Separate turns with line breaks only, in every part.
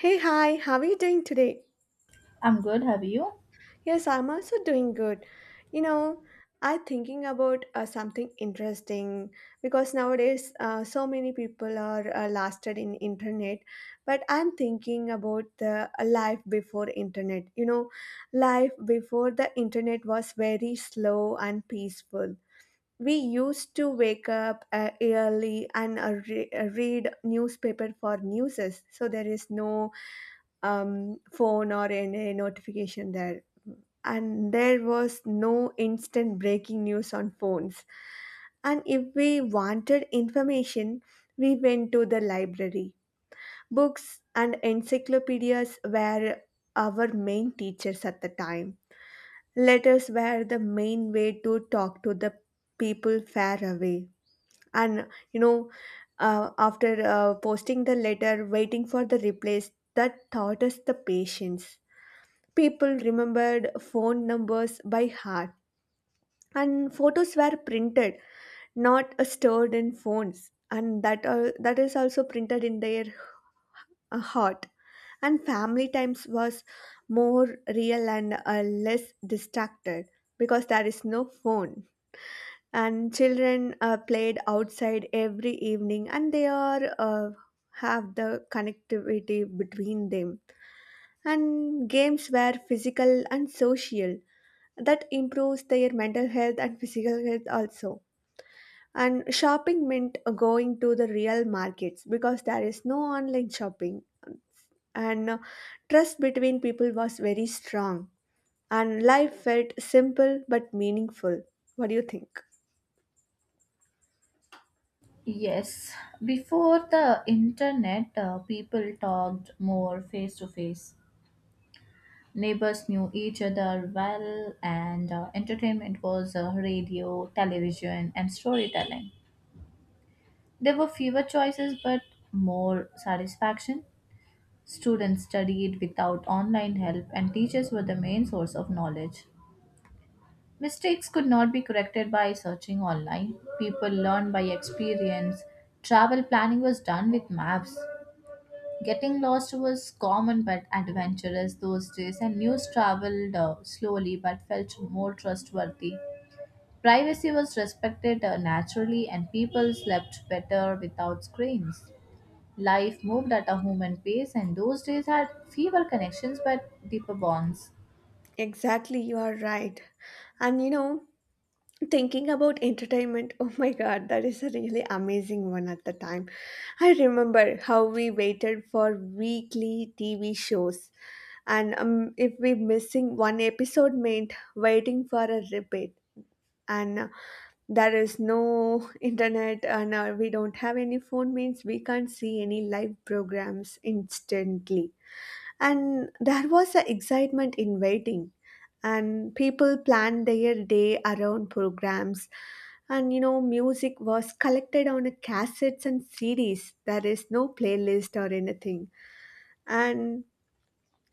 Hey, hi, how are you doing today?
I'm good. Have you?
Yes, I'm also doing good. You know, I'm thinking about something interesting because nowadays so many people are lasted in internet, but I'm thinking about the life before internet. You know, life before the internet was very slow and peaceful. We used to wake up early and read newspaper for newses, so there is no phone or in a notification there. And there was no instant breaking news on phones. And if we wanted information, we went to the library. Books and encyclopedias were our main teachers at the time. Letters were the main way to talk to the people far away. And you know, after posting the letter, waiting for the replies, that taught us the patience. People remembered phone numbers by heart, and photos were printed, not stored in phones, and that is also printed in their heart. And family times was more real and less distracted because there is no phone. And children played outside every evening, and they are have the connectivity between them, and games were physical and social that improves their mental health and physical health also. And shopping meant going to the real markets because there is no online shopping, and trust between people was very strong, and life felt simple but meaningful. What do you think?
Yes. Before the internet, people talked more face to face. Neighbors knew each other well, and entertainment was radio, television, and storytelling. There were fewer choices, but more satisfaction. Students studied without online help, and teachers were the main source of knowledge. Mistakes could not be corrected by searching online. People learned by experience. Travel planning was done with maps. Getting lost was common but adventurous those days, and news traveled slowly but felt more trustworthy. Privacy was respected naturally, and people slept better without screens. Life moved at a human pace, and those days had fewer connections but deeper bonds.
Exactly, you are right. And you know, thinking about entertainment, oh my god, that is a really amazing one at the time. I remember how we waited for weekly TV shows, and if we missing one episode meant waiting for a repeat. And there is no internet, and we don't have any phone means we can't see any live programs instantly, and there was a excitement in waiting, and people planned their day around programs. And you know, music was collected on a cassettes and cds. There is no playlist or anything, and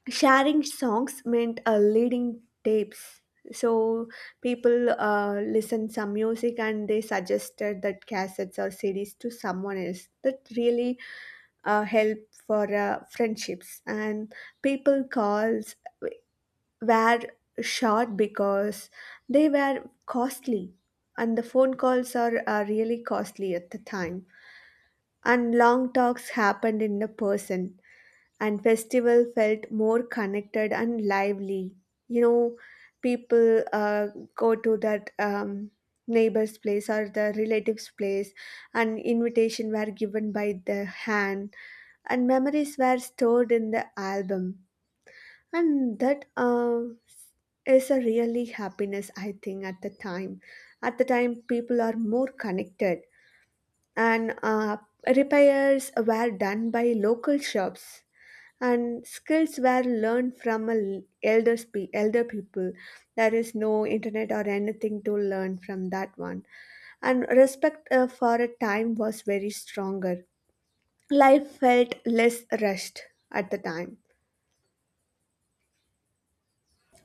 sharing songs meant leading tapes. So people listened some music and they suggested that cassettes or cds to someone else that really help for friendships. And people calls were short because they were costly, and the phone calls are really costly at the time, and long talks happened in the person, and festival felt more connected and lively. You know, people go to that neighbor's place or the relative's place, and invitation were given by the hand, and memories were stored in the album, and that is a really happiness I think at the time. At the time, people are more connected, and repairs were done by local shops, and skills were learned from a l- elder spe- elder people. There is no internet or anything to learn from that one. And respect for a time was very stronger. Life felt less rushed at the time.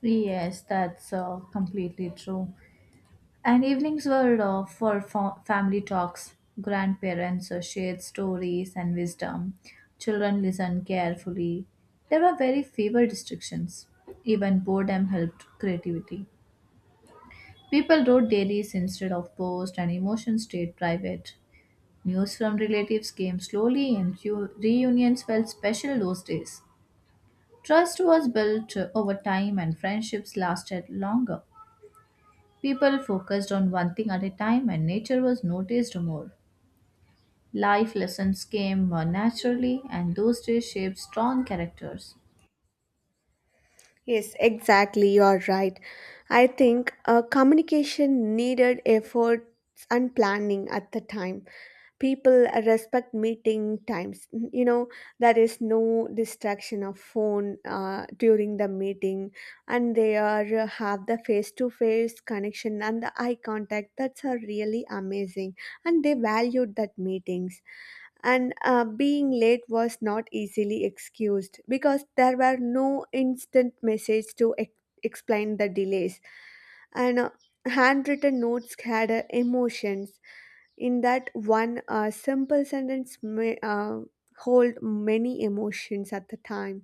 Yes, that's completely true. And evenings were for family talks. Grandparents shared stories and wisdom. Children listened carefully. There were very few restrictions. Even boredom helped creativity. People wrote diaries instead of posts, and emotions stayed private. News from relatives came slowly, and reunions felt special those days. Trust was built over time, and friendships lasted longer. People focused on one thing at a time, and nature was noticed more. Life lessons came more naturally, and those days shaped strong characters.
Yes, exactly. You're right. I think communication needed efforts and planning at the time. People respect meeting times. You know, there is no distraction of phone during the meeting, and they are have the face to face connection and the eye contact. That's a really amazing, and they valued that meetings. And being late was not easily excused because there were no instant message to explain the delays. And handwritten notes had emotions in that one. Simple sentence may hold many emotions at the time.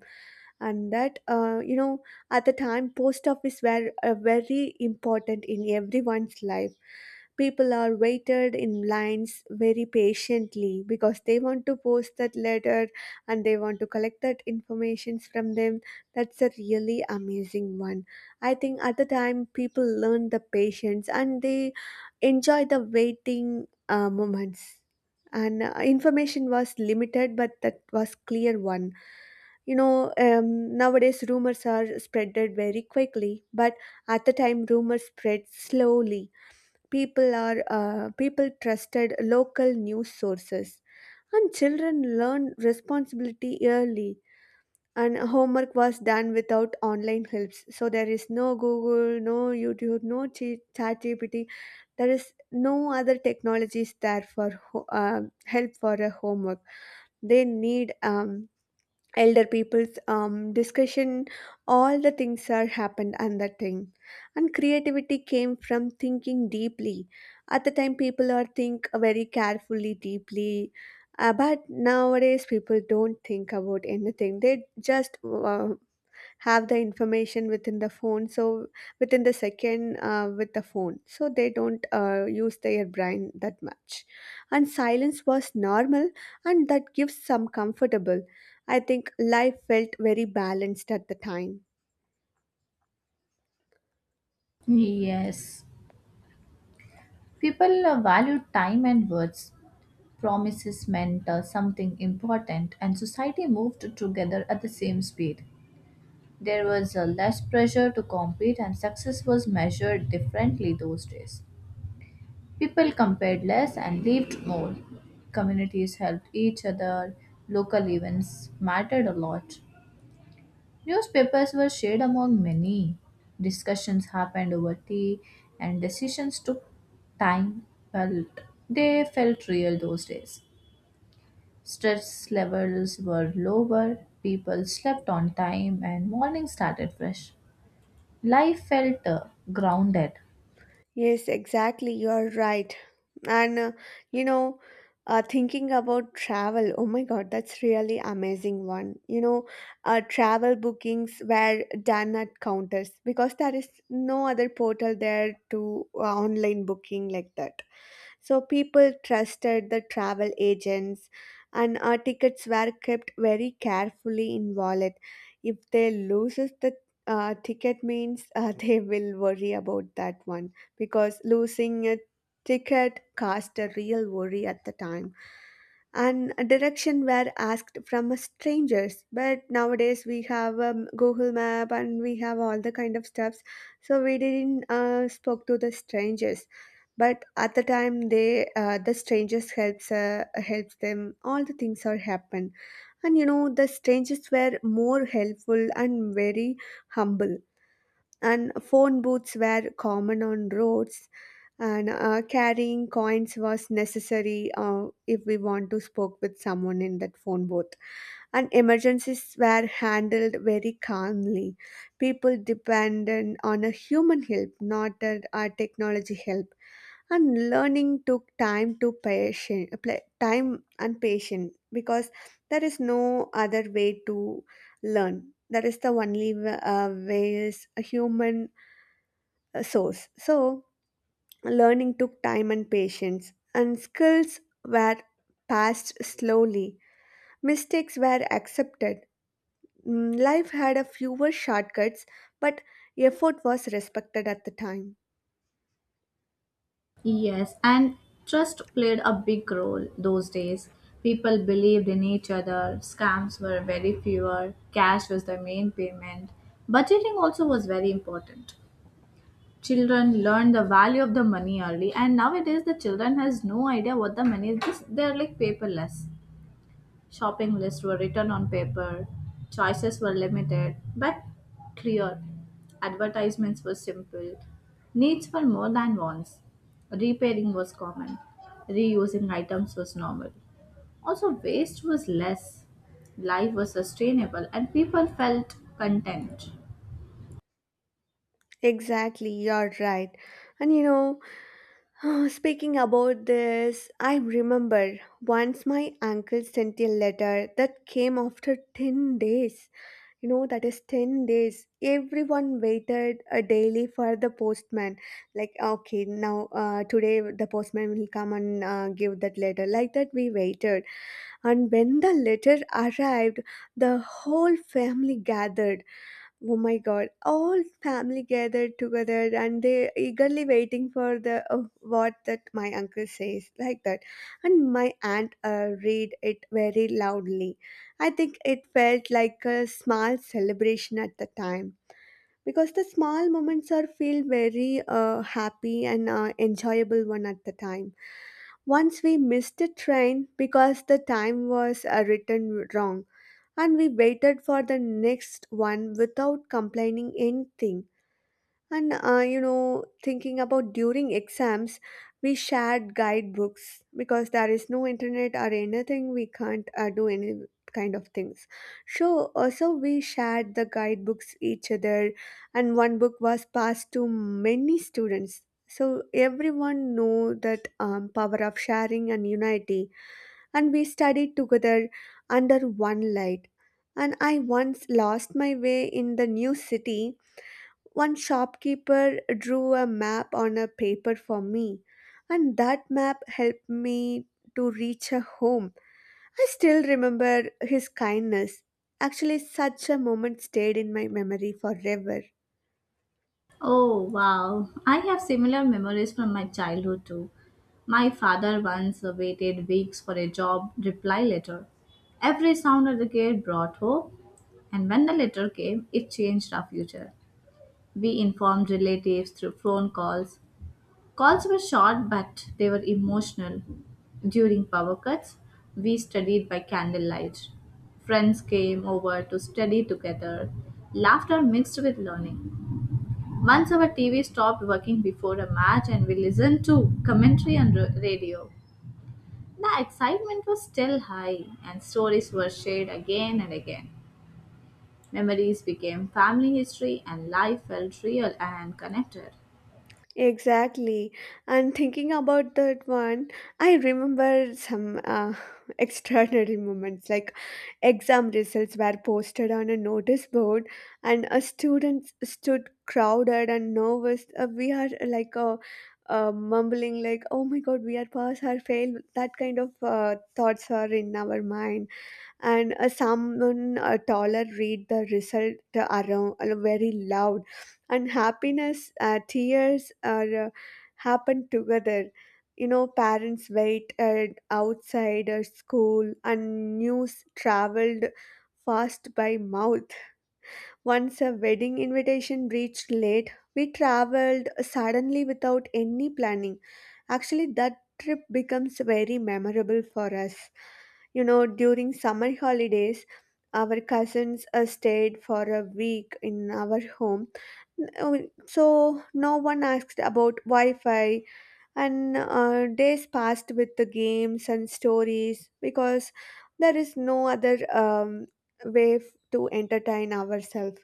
And that you know, at the time post office were very important in everyone's life. People are waited in lines very patiently because they want to post that letter, and they want to collect that information from them. That's a really amazing one. I think at the time people learn the patience and they enjoy the waiting moments. And information was limited, but that was clear one. You know, nowadays rumors are spreaded very quickly, but at the time rumors spread slowly. People trusted local news sources, and children learned responsibility early, and homework was done without online helps. So there is no google, no youtube, no chat. There is no other technologies there for help for a homework. They need elder people's discussion. All the things are happened at that time, and creativity came from thinking deeply. At the time people are think very carefully deeply, but nowadays people don't think about anything. They just have the information within the phone, so within the second with the phone, so they don't use their brain that much. And silence was normal, and that gives some comfortable. I think life felt very balanced at the time.
Yes, people valued time and words. Promises meant something important, and society moved together at the same speed. There was less pressure to compete, and success was measured differently those days. People compared less and lived more. Communities helped each other. Local events mattered a lot. Newspapers were shared among many. Discussions happened over tea, and decisions took time, but they felt real those days. Stress levels were lower, people slept on time, and morning started fresh. Life felt grounded.
Yes, exactly, you are right. And you know, thinking about travel, oh my God, that's really amazing one. You know, travel bookings were done at counters because there is no other portal there to online booking like that. So people trusted the travel agents, and our tickets were kept very carefully in wallet. If they loses the ticket means they will worry about that one because losing a ticket caused a real worry at the time. And direction were asked from strangers, but nowadays we have google map and we have all the kind of stuffs, so we didn't spoke to the strangers. But at the time the strangers helps them. All the things are happen, and you know, the strangers were more helpful and very humble. And phone booths were common on roads, and carrying coins was necessary if we want to spoke with someone in that phone booth. And emergencies were handled very calmly. People depended on a human help, not a technology help. And learning took time to time and patience because there is no other way to learn. That is the only way is a human source. So learning took time and patience, and skills were passed slowly. Mistakes were accepted. Mm, life had a fewer shortcuts, but effort was respected at the time.
Yes, and trust played a big role those days. People believed in each other, scams were very fewer, cash was the main payment. Budgeting also was very important. Children learned the value of the money early, and nowadays the children has no idea what the money is. Just they're like paperless. Shopping lists were written on paper, choices were limited but clear, advertisements were simple, needs were more than wants, repairing was common, reusing items was normal. Also, waste was less, life was sustainable, and people felt content.
Exactly, you're right. And you know, oh, speaking about this, I remember once my uncle sent a letter that came after 10 days. You know, that is 10 days. Everyone waited a daily for the postman. Like, okay, now today the postman will come and give that letter. Like that, we waited. And when the letter arrived, the whole family gathered. Oh my God, all family gathered together and they eagerly waiting for the what that my uncle says like that. And my aunt read it very loudly. I think it felt like a small celebration at the time because the small moments are feel very happy and enjoyable one at the time. Once we missed the train because the time was written wrong, and we waited for the next one without complaining anything. And you know, thinking about during exams, we shared guidebooks because there is no internet or anything. We can't do any kind of things, so also we shared the guidebooks each other, and one book was passed to many students, so everyone know that power of sharing and unity. And we studied together under one light. And I once lost my way in the new city. One shopkeeper drew a map on a paper for me, and that map helped me to reach a home. I still remember his kindness. Actually, such a moment stayed in my memory forever.
Oh, wow. I have similar memories from my childhood too. My father once waited weeks for a job reply letter. Every sound at the gate brought hope, and when the letter came, it changed our future. We informed relatives through phone calls. Calls were short, but they were emotional. During power cuts, we studied by candlelight. Friends came over to study together, laughter mixed with learning. Once our TV stopped working before a match, and we listened to commentary on radio. The excitement was still high, and stories were shared again and again. Memories became family history, and life felt real and connected.
Exactly. And thinking about that one, I remember some extraordinary moments like exam results were posted on a notice board, and a students stood crowded and nervous. We are mumbling like, oh my god, we are pass or fail. That kind of thoughts are in our mind. And someone taller read the result around very loud, and happiness tears are happen together. You know, parents wait outside school, and news traveled fast by mouth. Once a wedding invitation reached late, we traveled suddenly without any planning. Actually that trip becomes very memorable for us. You know, during summer holidays, our cousins stayed for a week in our home. So no one asked about Wi-Fi, and days passed with the games and stories because there is no other way to entertain ourselves.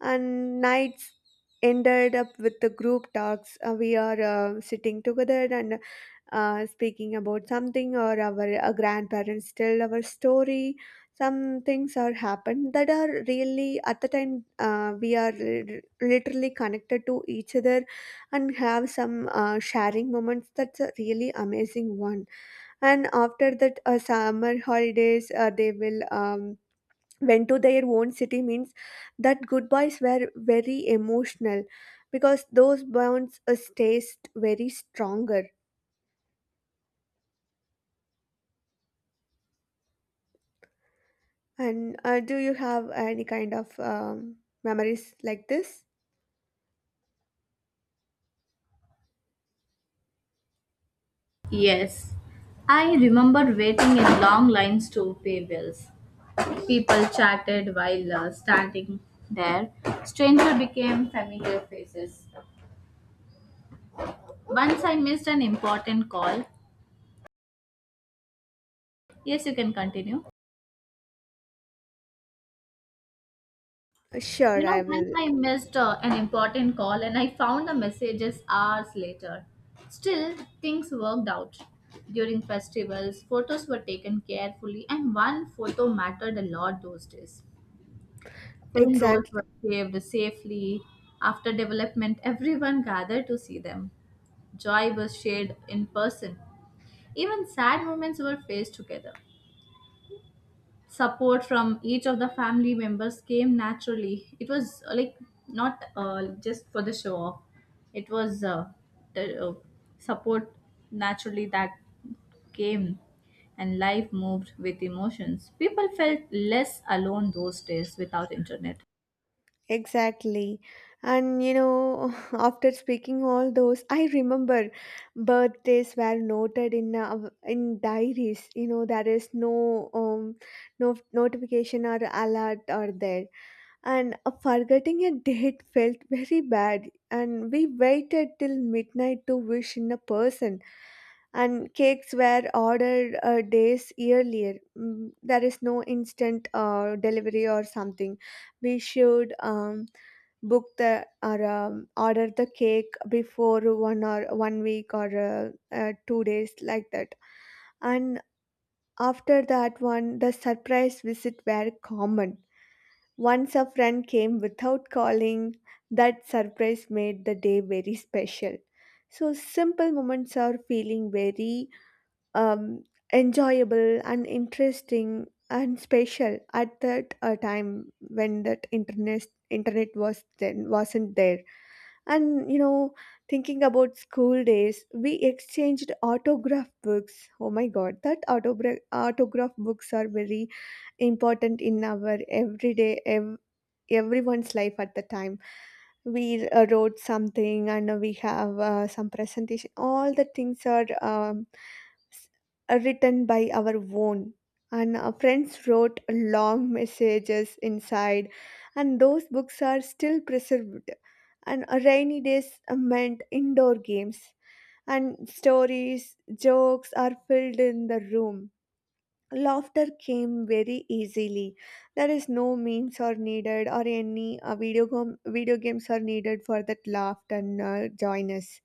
And nights ended up with the group talks. We are sitting together and speaking about something, or our grandparents tell our story. Some things are happened that are really at the time we are literally connected to each other and have some sharing moments. That's a really amazing one. And after that, summer holidays, they will went to their own city means that goodbyes were very emotional, because those bonds stays very stronger. And do you have any kind of memories like this?
Yes, I remember waiting in long lines to pay bills. People chatted while standing there. Stranger became familiar faces. Once I missed an important call. Yes, you can continue. You
Sure,
know,
I
once
will.
I missed an important call, and I found the messages hours later. Still, things worked out. During festivals, photos were taken carefully, and one photo mattered a lot those days. Film rolls
Exactly,
were saved safely. After development, everyone gathered to see them. Joy was shared in person. Even sad moments were faced together. Support from each of the family members came naturally. It was like not just for the show off. It was the support naturally that came, and life moved with emotions. People felt less alone those days without internet.
exactly. And you know, after speaking all those, I remember birthdays were noted in diaries. You know, there is no no notification or alert or there. And forgetting a date felt very bad, and we waited till midnight to wish in a person. And cakes were ordered days earlier. Mm, there is no instant delivery or something. We should book the or order the cake before 1 or 1 week or 2 days, like that. And after that one, the surprise visit were common. Once a friend came without calling, that surprise made the day very special. So, simple moments are feeling very um, enjoyable and interesting and special at that time when that internet was then wasn't there. And you know, thinking about school days, we exchanged autograph books. Oh my god, that autograph books are very important in our everyone's life at the time. We wrote something, and we have some presentation. All the things are s- are written by our own, and our friends wrote long messages inside, and those books are still preserved. And a rainy days meant indoor games, and stories jokes are filled in the room. Laughter came very easily. There is no memes are needed or any video games are needed for that laughter and joyness.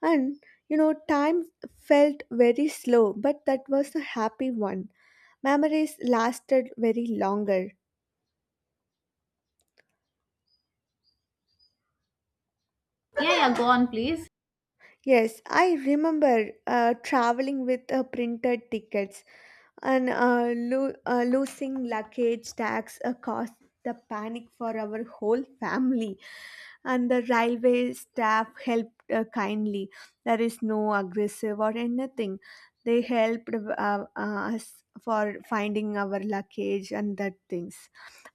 And you know, time felt very slow, but that was a happy one. Memories lasted very longer.
Yeah, yeah, go on please.
Yes, I remember traveling with printed tickets. And losing luggage tax caused the panic for our whole family. And the railway staff helped kindly. There is no aggressive or anything. They helped us for finding our luggage and that things.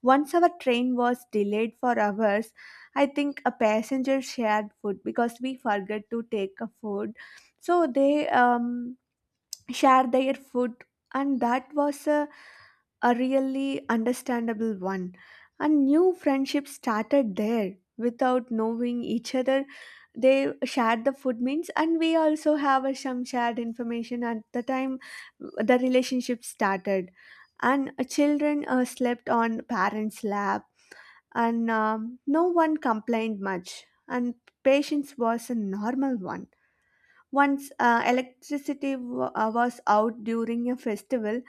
Once our train was delayed for hours, I think a passenger shared food because we forgot to take a food. So they share their food, and that was a really understandable one. And new friendship started there without knowing each other. They shared the food means, and we also have some shared information at the time. The relationship started. And children slept on parents lap, and no one complained much, and patience was a normal one. Once electricity was out during a festival,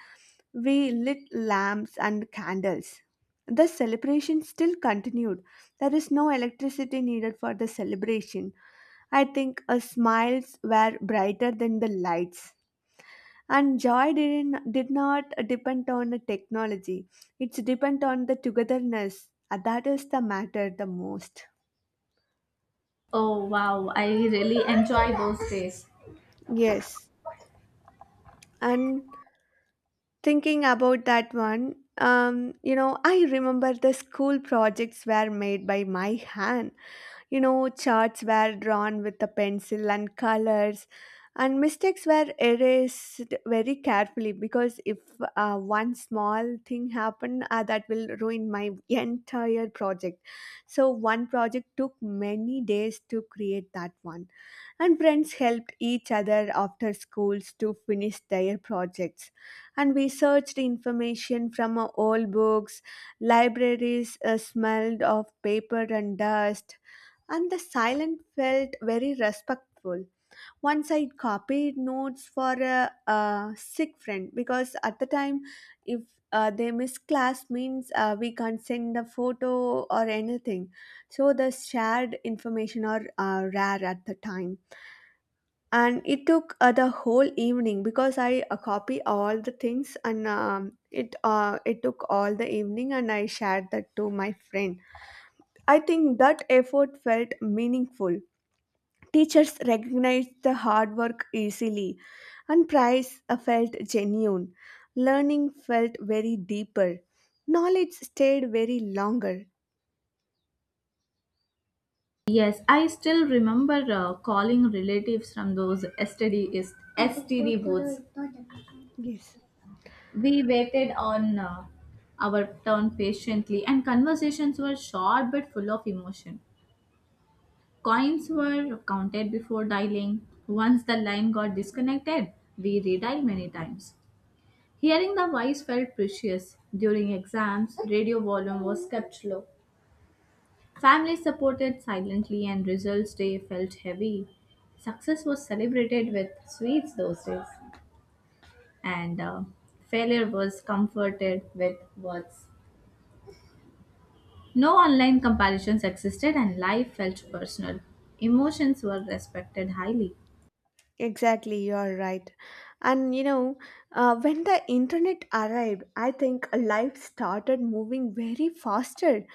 we lit lamps and candles. The celebration still continued. There is no electricity needed for the celebration. I think smiles were brighter than the lights. And joy did not depend on the technology. It's depend on the togetherness. That is the matter the most.
Oh wow, I really enjoy those days.
Yes. And thinking about that one, you know, I remember the school projects were made by my hand. You know, charts were drawn with a pencil and colors, and mistakes were erased very carefully, because if one small thing happened, that will ruin my entire project. So, one project took many days to create that one. And friends helped each other after schools to finish their projects, and we searched information from our old books. Libraries smelled of paper and dust, and the silence felt very respectful. Once I copied notes for a sick friend, because at the time, if they miss class means, we can't send a photo or anything. So the shared information are rare at the time. And it took the whole evening, because I copy all the things, and it took all the evening, and I shared that to my friend. I think that effort felt meaningful. Teachers recognized the hard work easily, and prize felt genuine. Learning felt very deeper. Knowledge stayed very longer.
Yes, I still remember calling relatives from those STD, STD booths.
Yes,
We waited on our turn patiently, and conversations were short but full of emotion. Coins were counted before dialing. Once the line got disconnected, we redialed many times. Hearing the voice felt precious. During exams, radio volume was kept low. Family supported silently, and results day felt heavy. Success was celebrated with sweets those days, and failure was comforted with words. No online comparisons existed, and life felt personal. Emotions were respected highly.
exactly, you are right. And you know, when the internet arrived, I think life started moving very faster.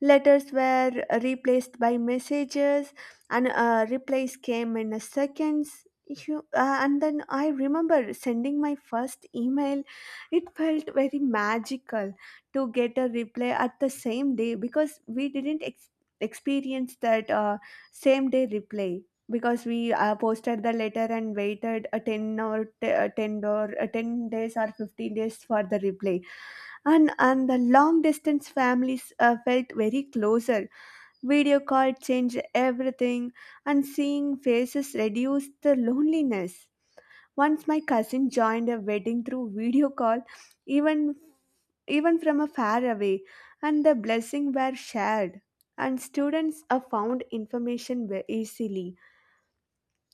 Letters were replaced by messages, and replies came in a seconds. And then I remember sending my first email. It felt very magical to get a reply at the same day, because we didn't experience that same day reply. Because we posted the letter and waited a 10 or 10 or 10 days or 15 days for the reply. And the long distance families felt very closer. Video call changed everything, and seeing faces reduced the loneliness. Once my cousin joined a wedding through video call, even even from a far away, and the blessing were shared. And students found information easily.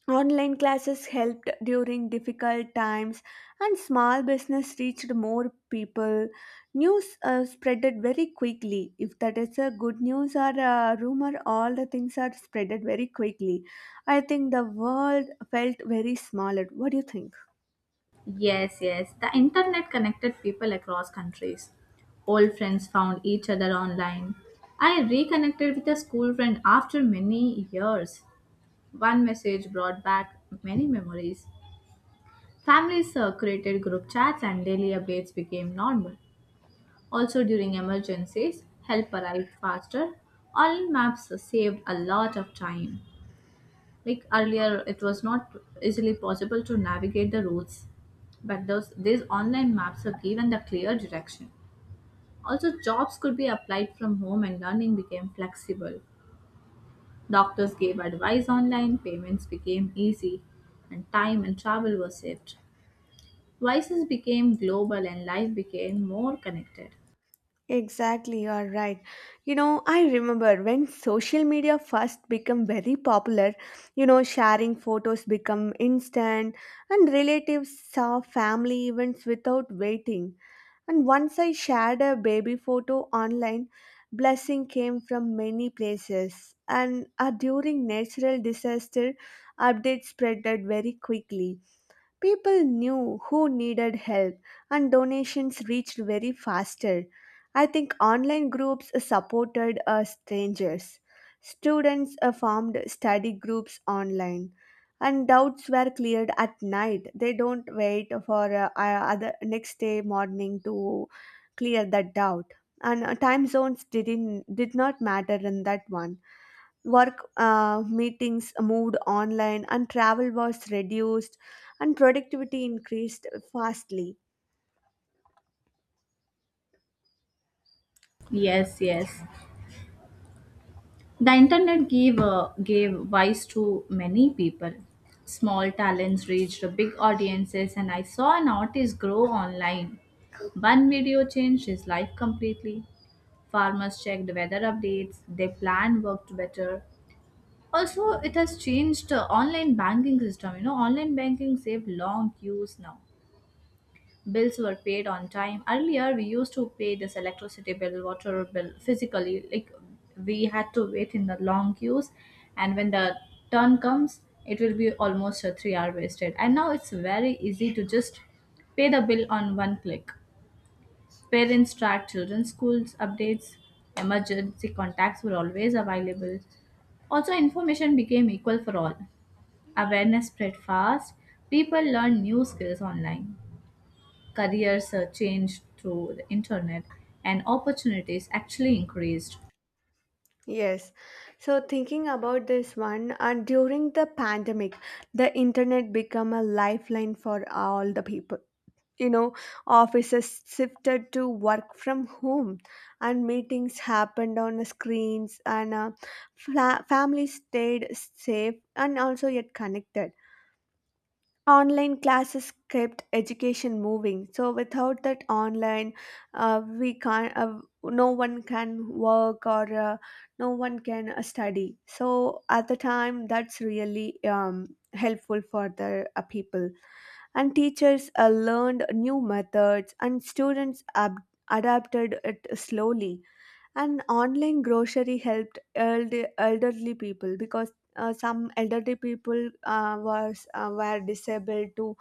Online classes helped during difficult times, and small business reached more people. News spreaded very quickly. If that is a good news or a rumor, all the things are spreaded very quickly. I think the world felt very small. What do you think?
Yes, yes, the internet connected people across countries. Old friends found each other online. I reconnected with a school friend after many years. One message brought back many memories. Families created group chats, and daily updates became normal. Also, during emergencies, help arrived faster. Online maps saved a lot of time. Like earlier, it was not easily possible to navigate the routes, but those these online maps have given the clear direction. Also, jobs could be applied from home, and learning became flexible. Doctors gave advice online, payments became easy, and time and travel were saved. Vices became global, and life became more connected.
Exactly, you are right. You know, I remember when social media first became very popular, you know, sharing photos become instant, and relatives saw family events without waiting. And once I shared a baby photo online, blessing came from many places. And during natural disaster, updates spreaded very quickly. People knew who needed help, and donations reached very faster. I think online groups supported strangers. Students formed study groups online, and doubts were cleared at night. They don't wait for other next day morning to clear that doubt. And time zones did not matter in that one. Work meetings moved online, and travel was reduced, and productivity increased fastly.
Yes, yes. The internet gave voice to many people. Small talents reached big audiences, and I saw an artist grow online. One video changed his life completely. Farmers checked weather updates. Their plan worked better. Also, it has changed online banking system. You know, online banking saved long queues now. Bills were paid on time. Earlier, we used to pay this electricity bill, water bill physically. Like, we had to wait in the long queues, and when the turn comes, it will be almost a 3 hour wasted. And now it's very easy to just pay the bill on one click. Parents track children's schools updates. Emergency contacts were always available. Also, information became equal for all. Awareness spread fast. People learn new skills online. Careers changed through the internet, and opportunities actually increased.
Yes, so thinking about this one, and during the pandemic, the internet became a lifeline for all the people. You know, offices shifted to work from home, and meetings happened on the screens. And families stayed safe and also yet connected. Online classes kept education moving, so without that online, we can't, no one can work, or no one can study. So at the time, that's really helpful for the people. And teachers learned new methods, and students adapted it slowly. And online grocery helped elderly people, because some elderly people was were disabled to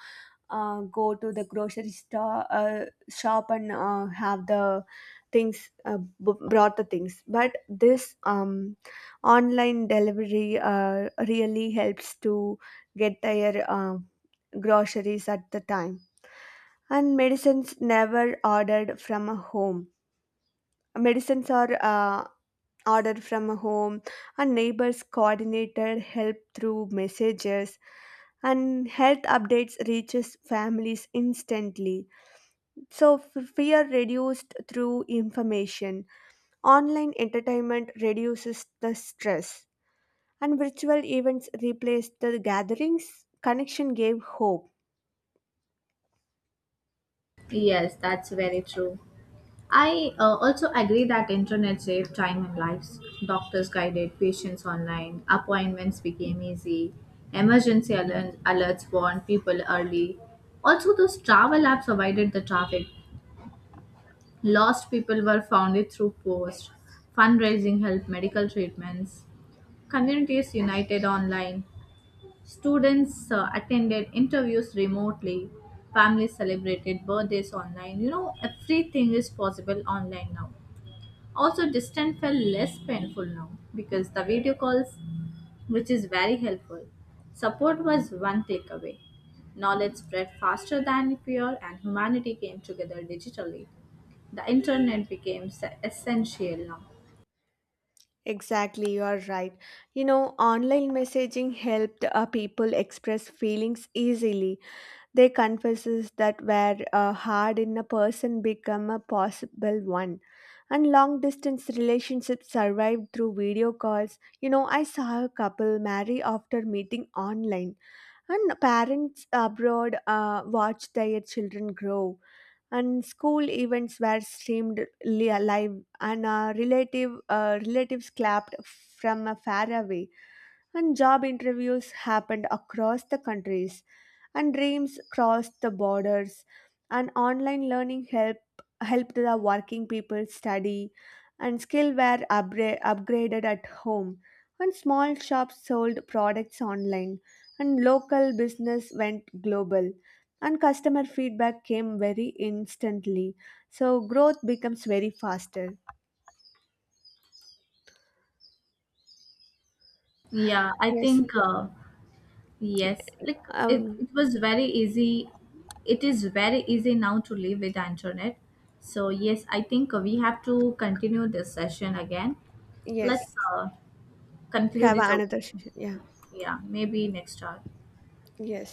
go to the grocery store shop and have the things brought the things. But this online delivery really helps to get their groceries at the time. And medicines never ordered from a home. Medicines are ordered from a home, and neighbors coordinated help through messages, and health updates reaches families instantly. So fear reduced through information. Online entertainment reduces the stress, and virtual events replaced the gatherings. Connection gave hope.
Yes, that's very true. I also agree that internet saved time and lives. Doctors guided patients online, appointments became easy, emergency alerts warned people early. Also, those travel apps avoided the traffic. Lost people were founded through posts, fundraising helped medical treatments. Communities united online. Students attended interviews remotely, families celebrated birthdays online. You know, everything is possible online now. Also, distance felt less painful now because the video calls, which is very helpful. Support was one takeaway. Knowledge spread faster than fear, and humanity came together digitally. The internet became essential now.
Exactly, you are right. You know, online messaging helped people express feelings easily. Their confesses that were hard in a person become a possible one. And long distance relationships survived through video calls. You know, I saw a couple marry after meeting online, and parents abroad watched their children grow. And school events were streamed live, and relatives clapped from a far away. And job interviews happened across the countries, and dreams crossed the borders. And online learning helped the working people study, and skill were upgraded at home. And small shops sold products online, and local business went global, and customer feedback came very instantly. So growth becomes very faster.
Yeah, I
Yes.
think yes, like
um
it was very easy. It is very easy now to live with the internet. So yes, I think we have to continue this session again.
yes,
Let's conclude
have
it over.
another session. Yeah,
Yeah, maybe next time.
yes.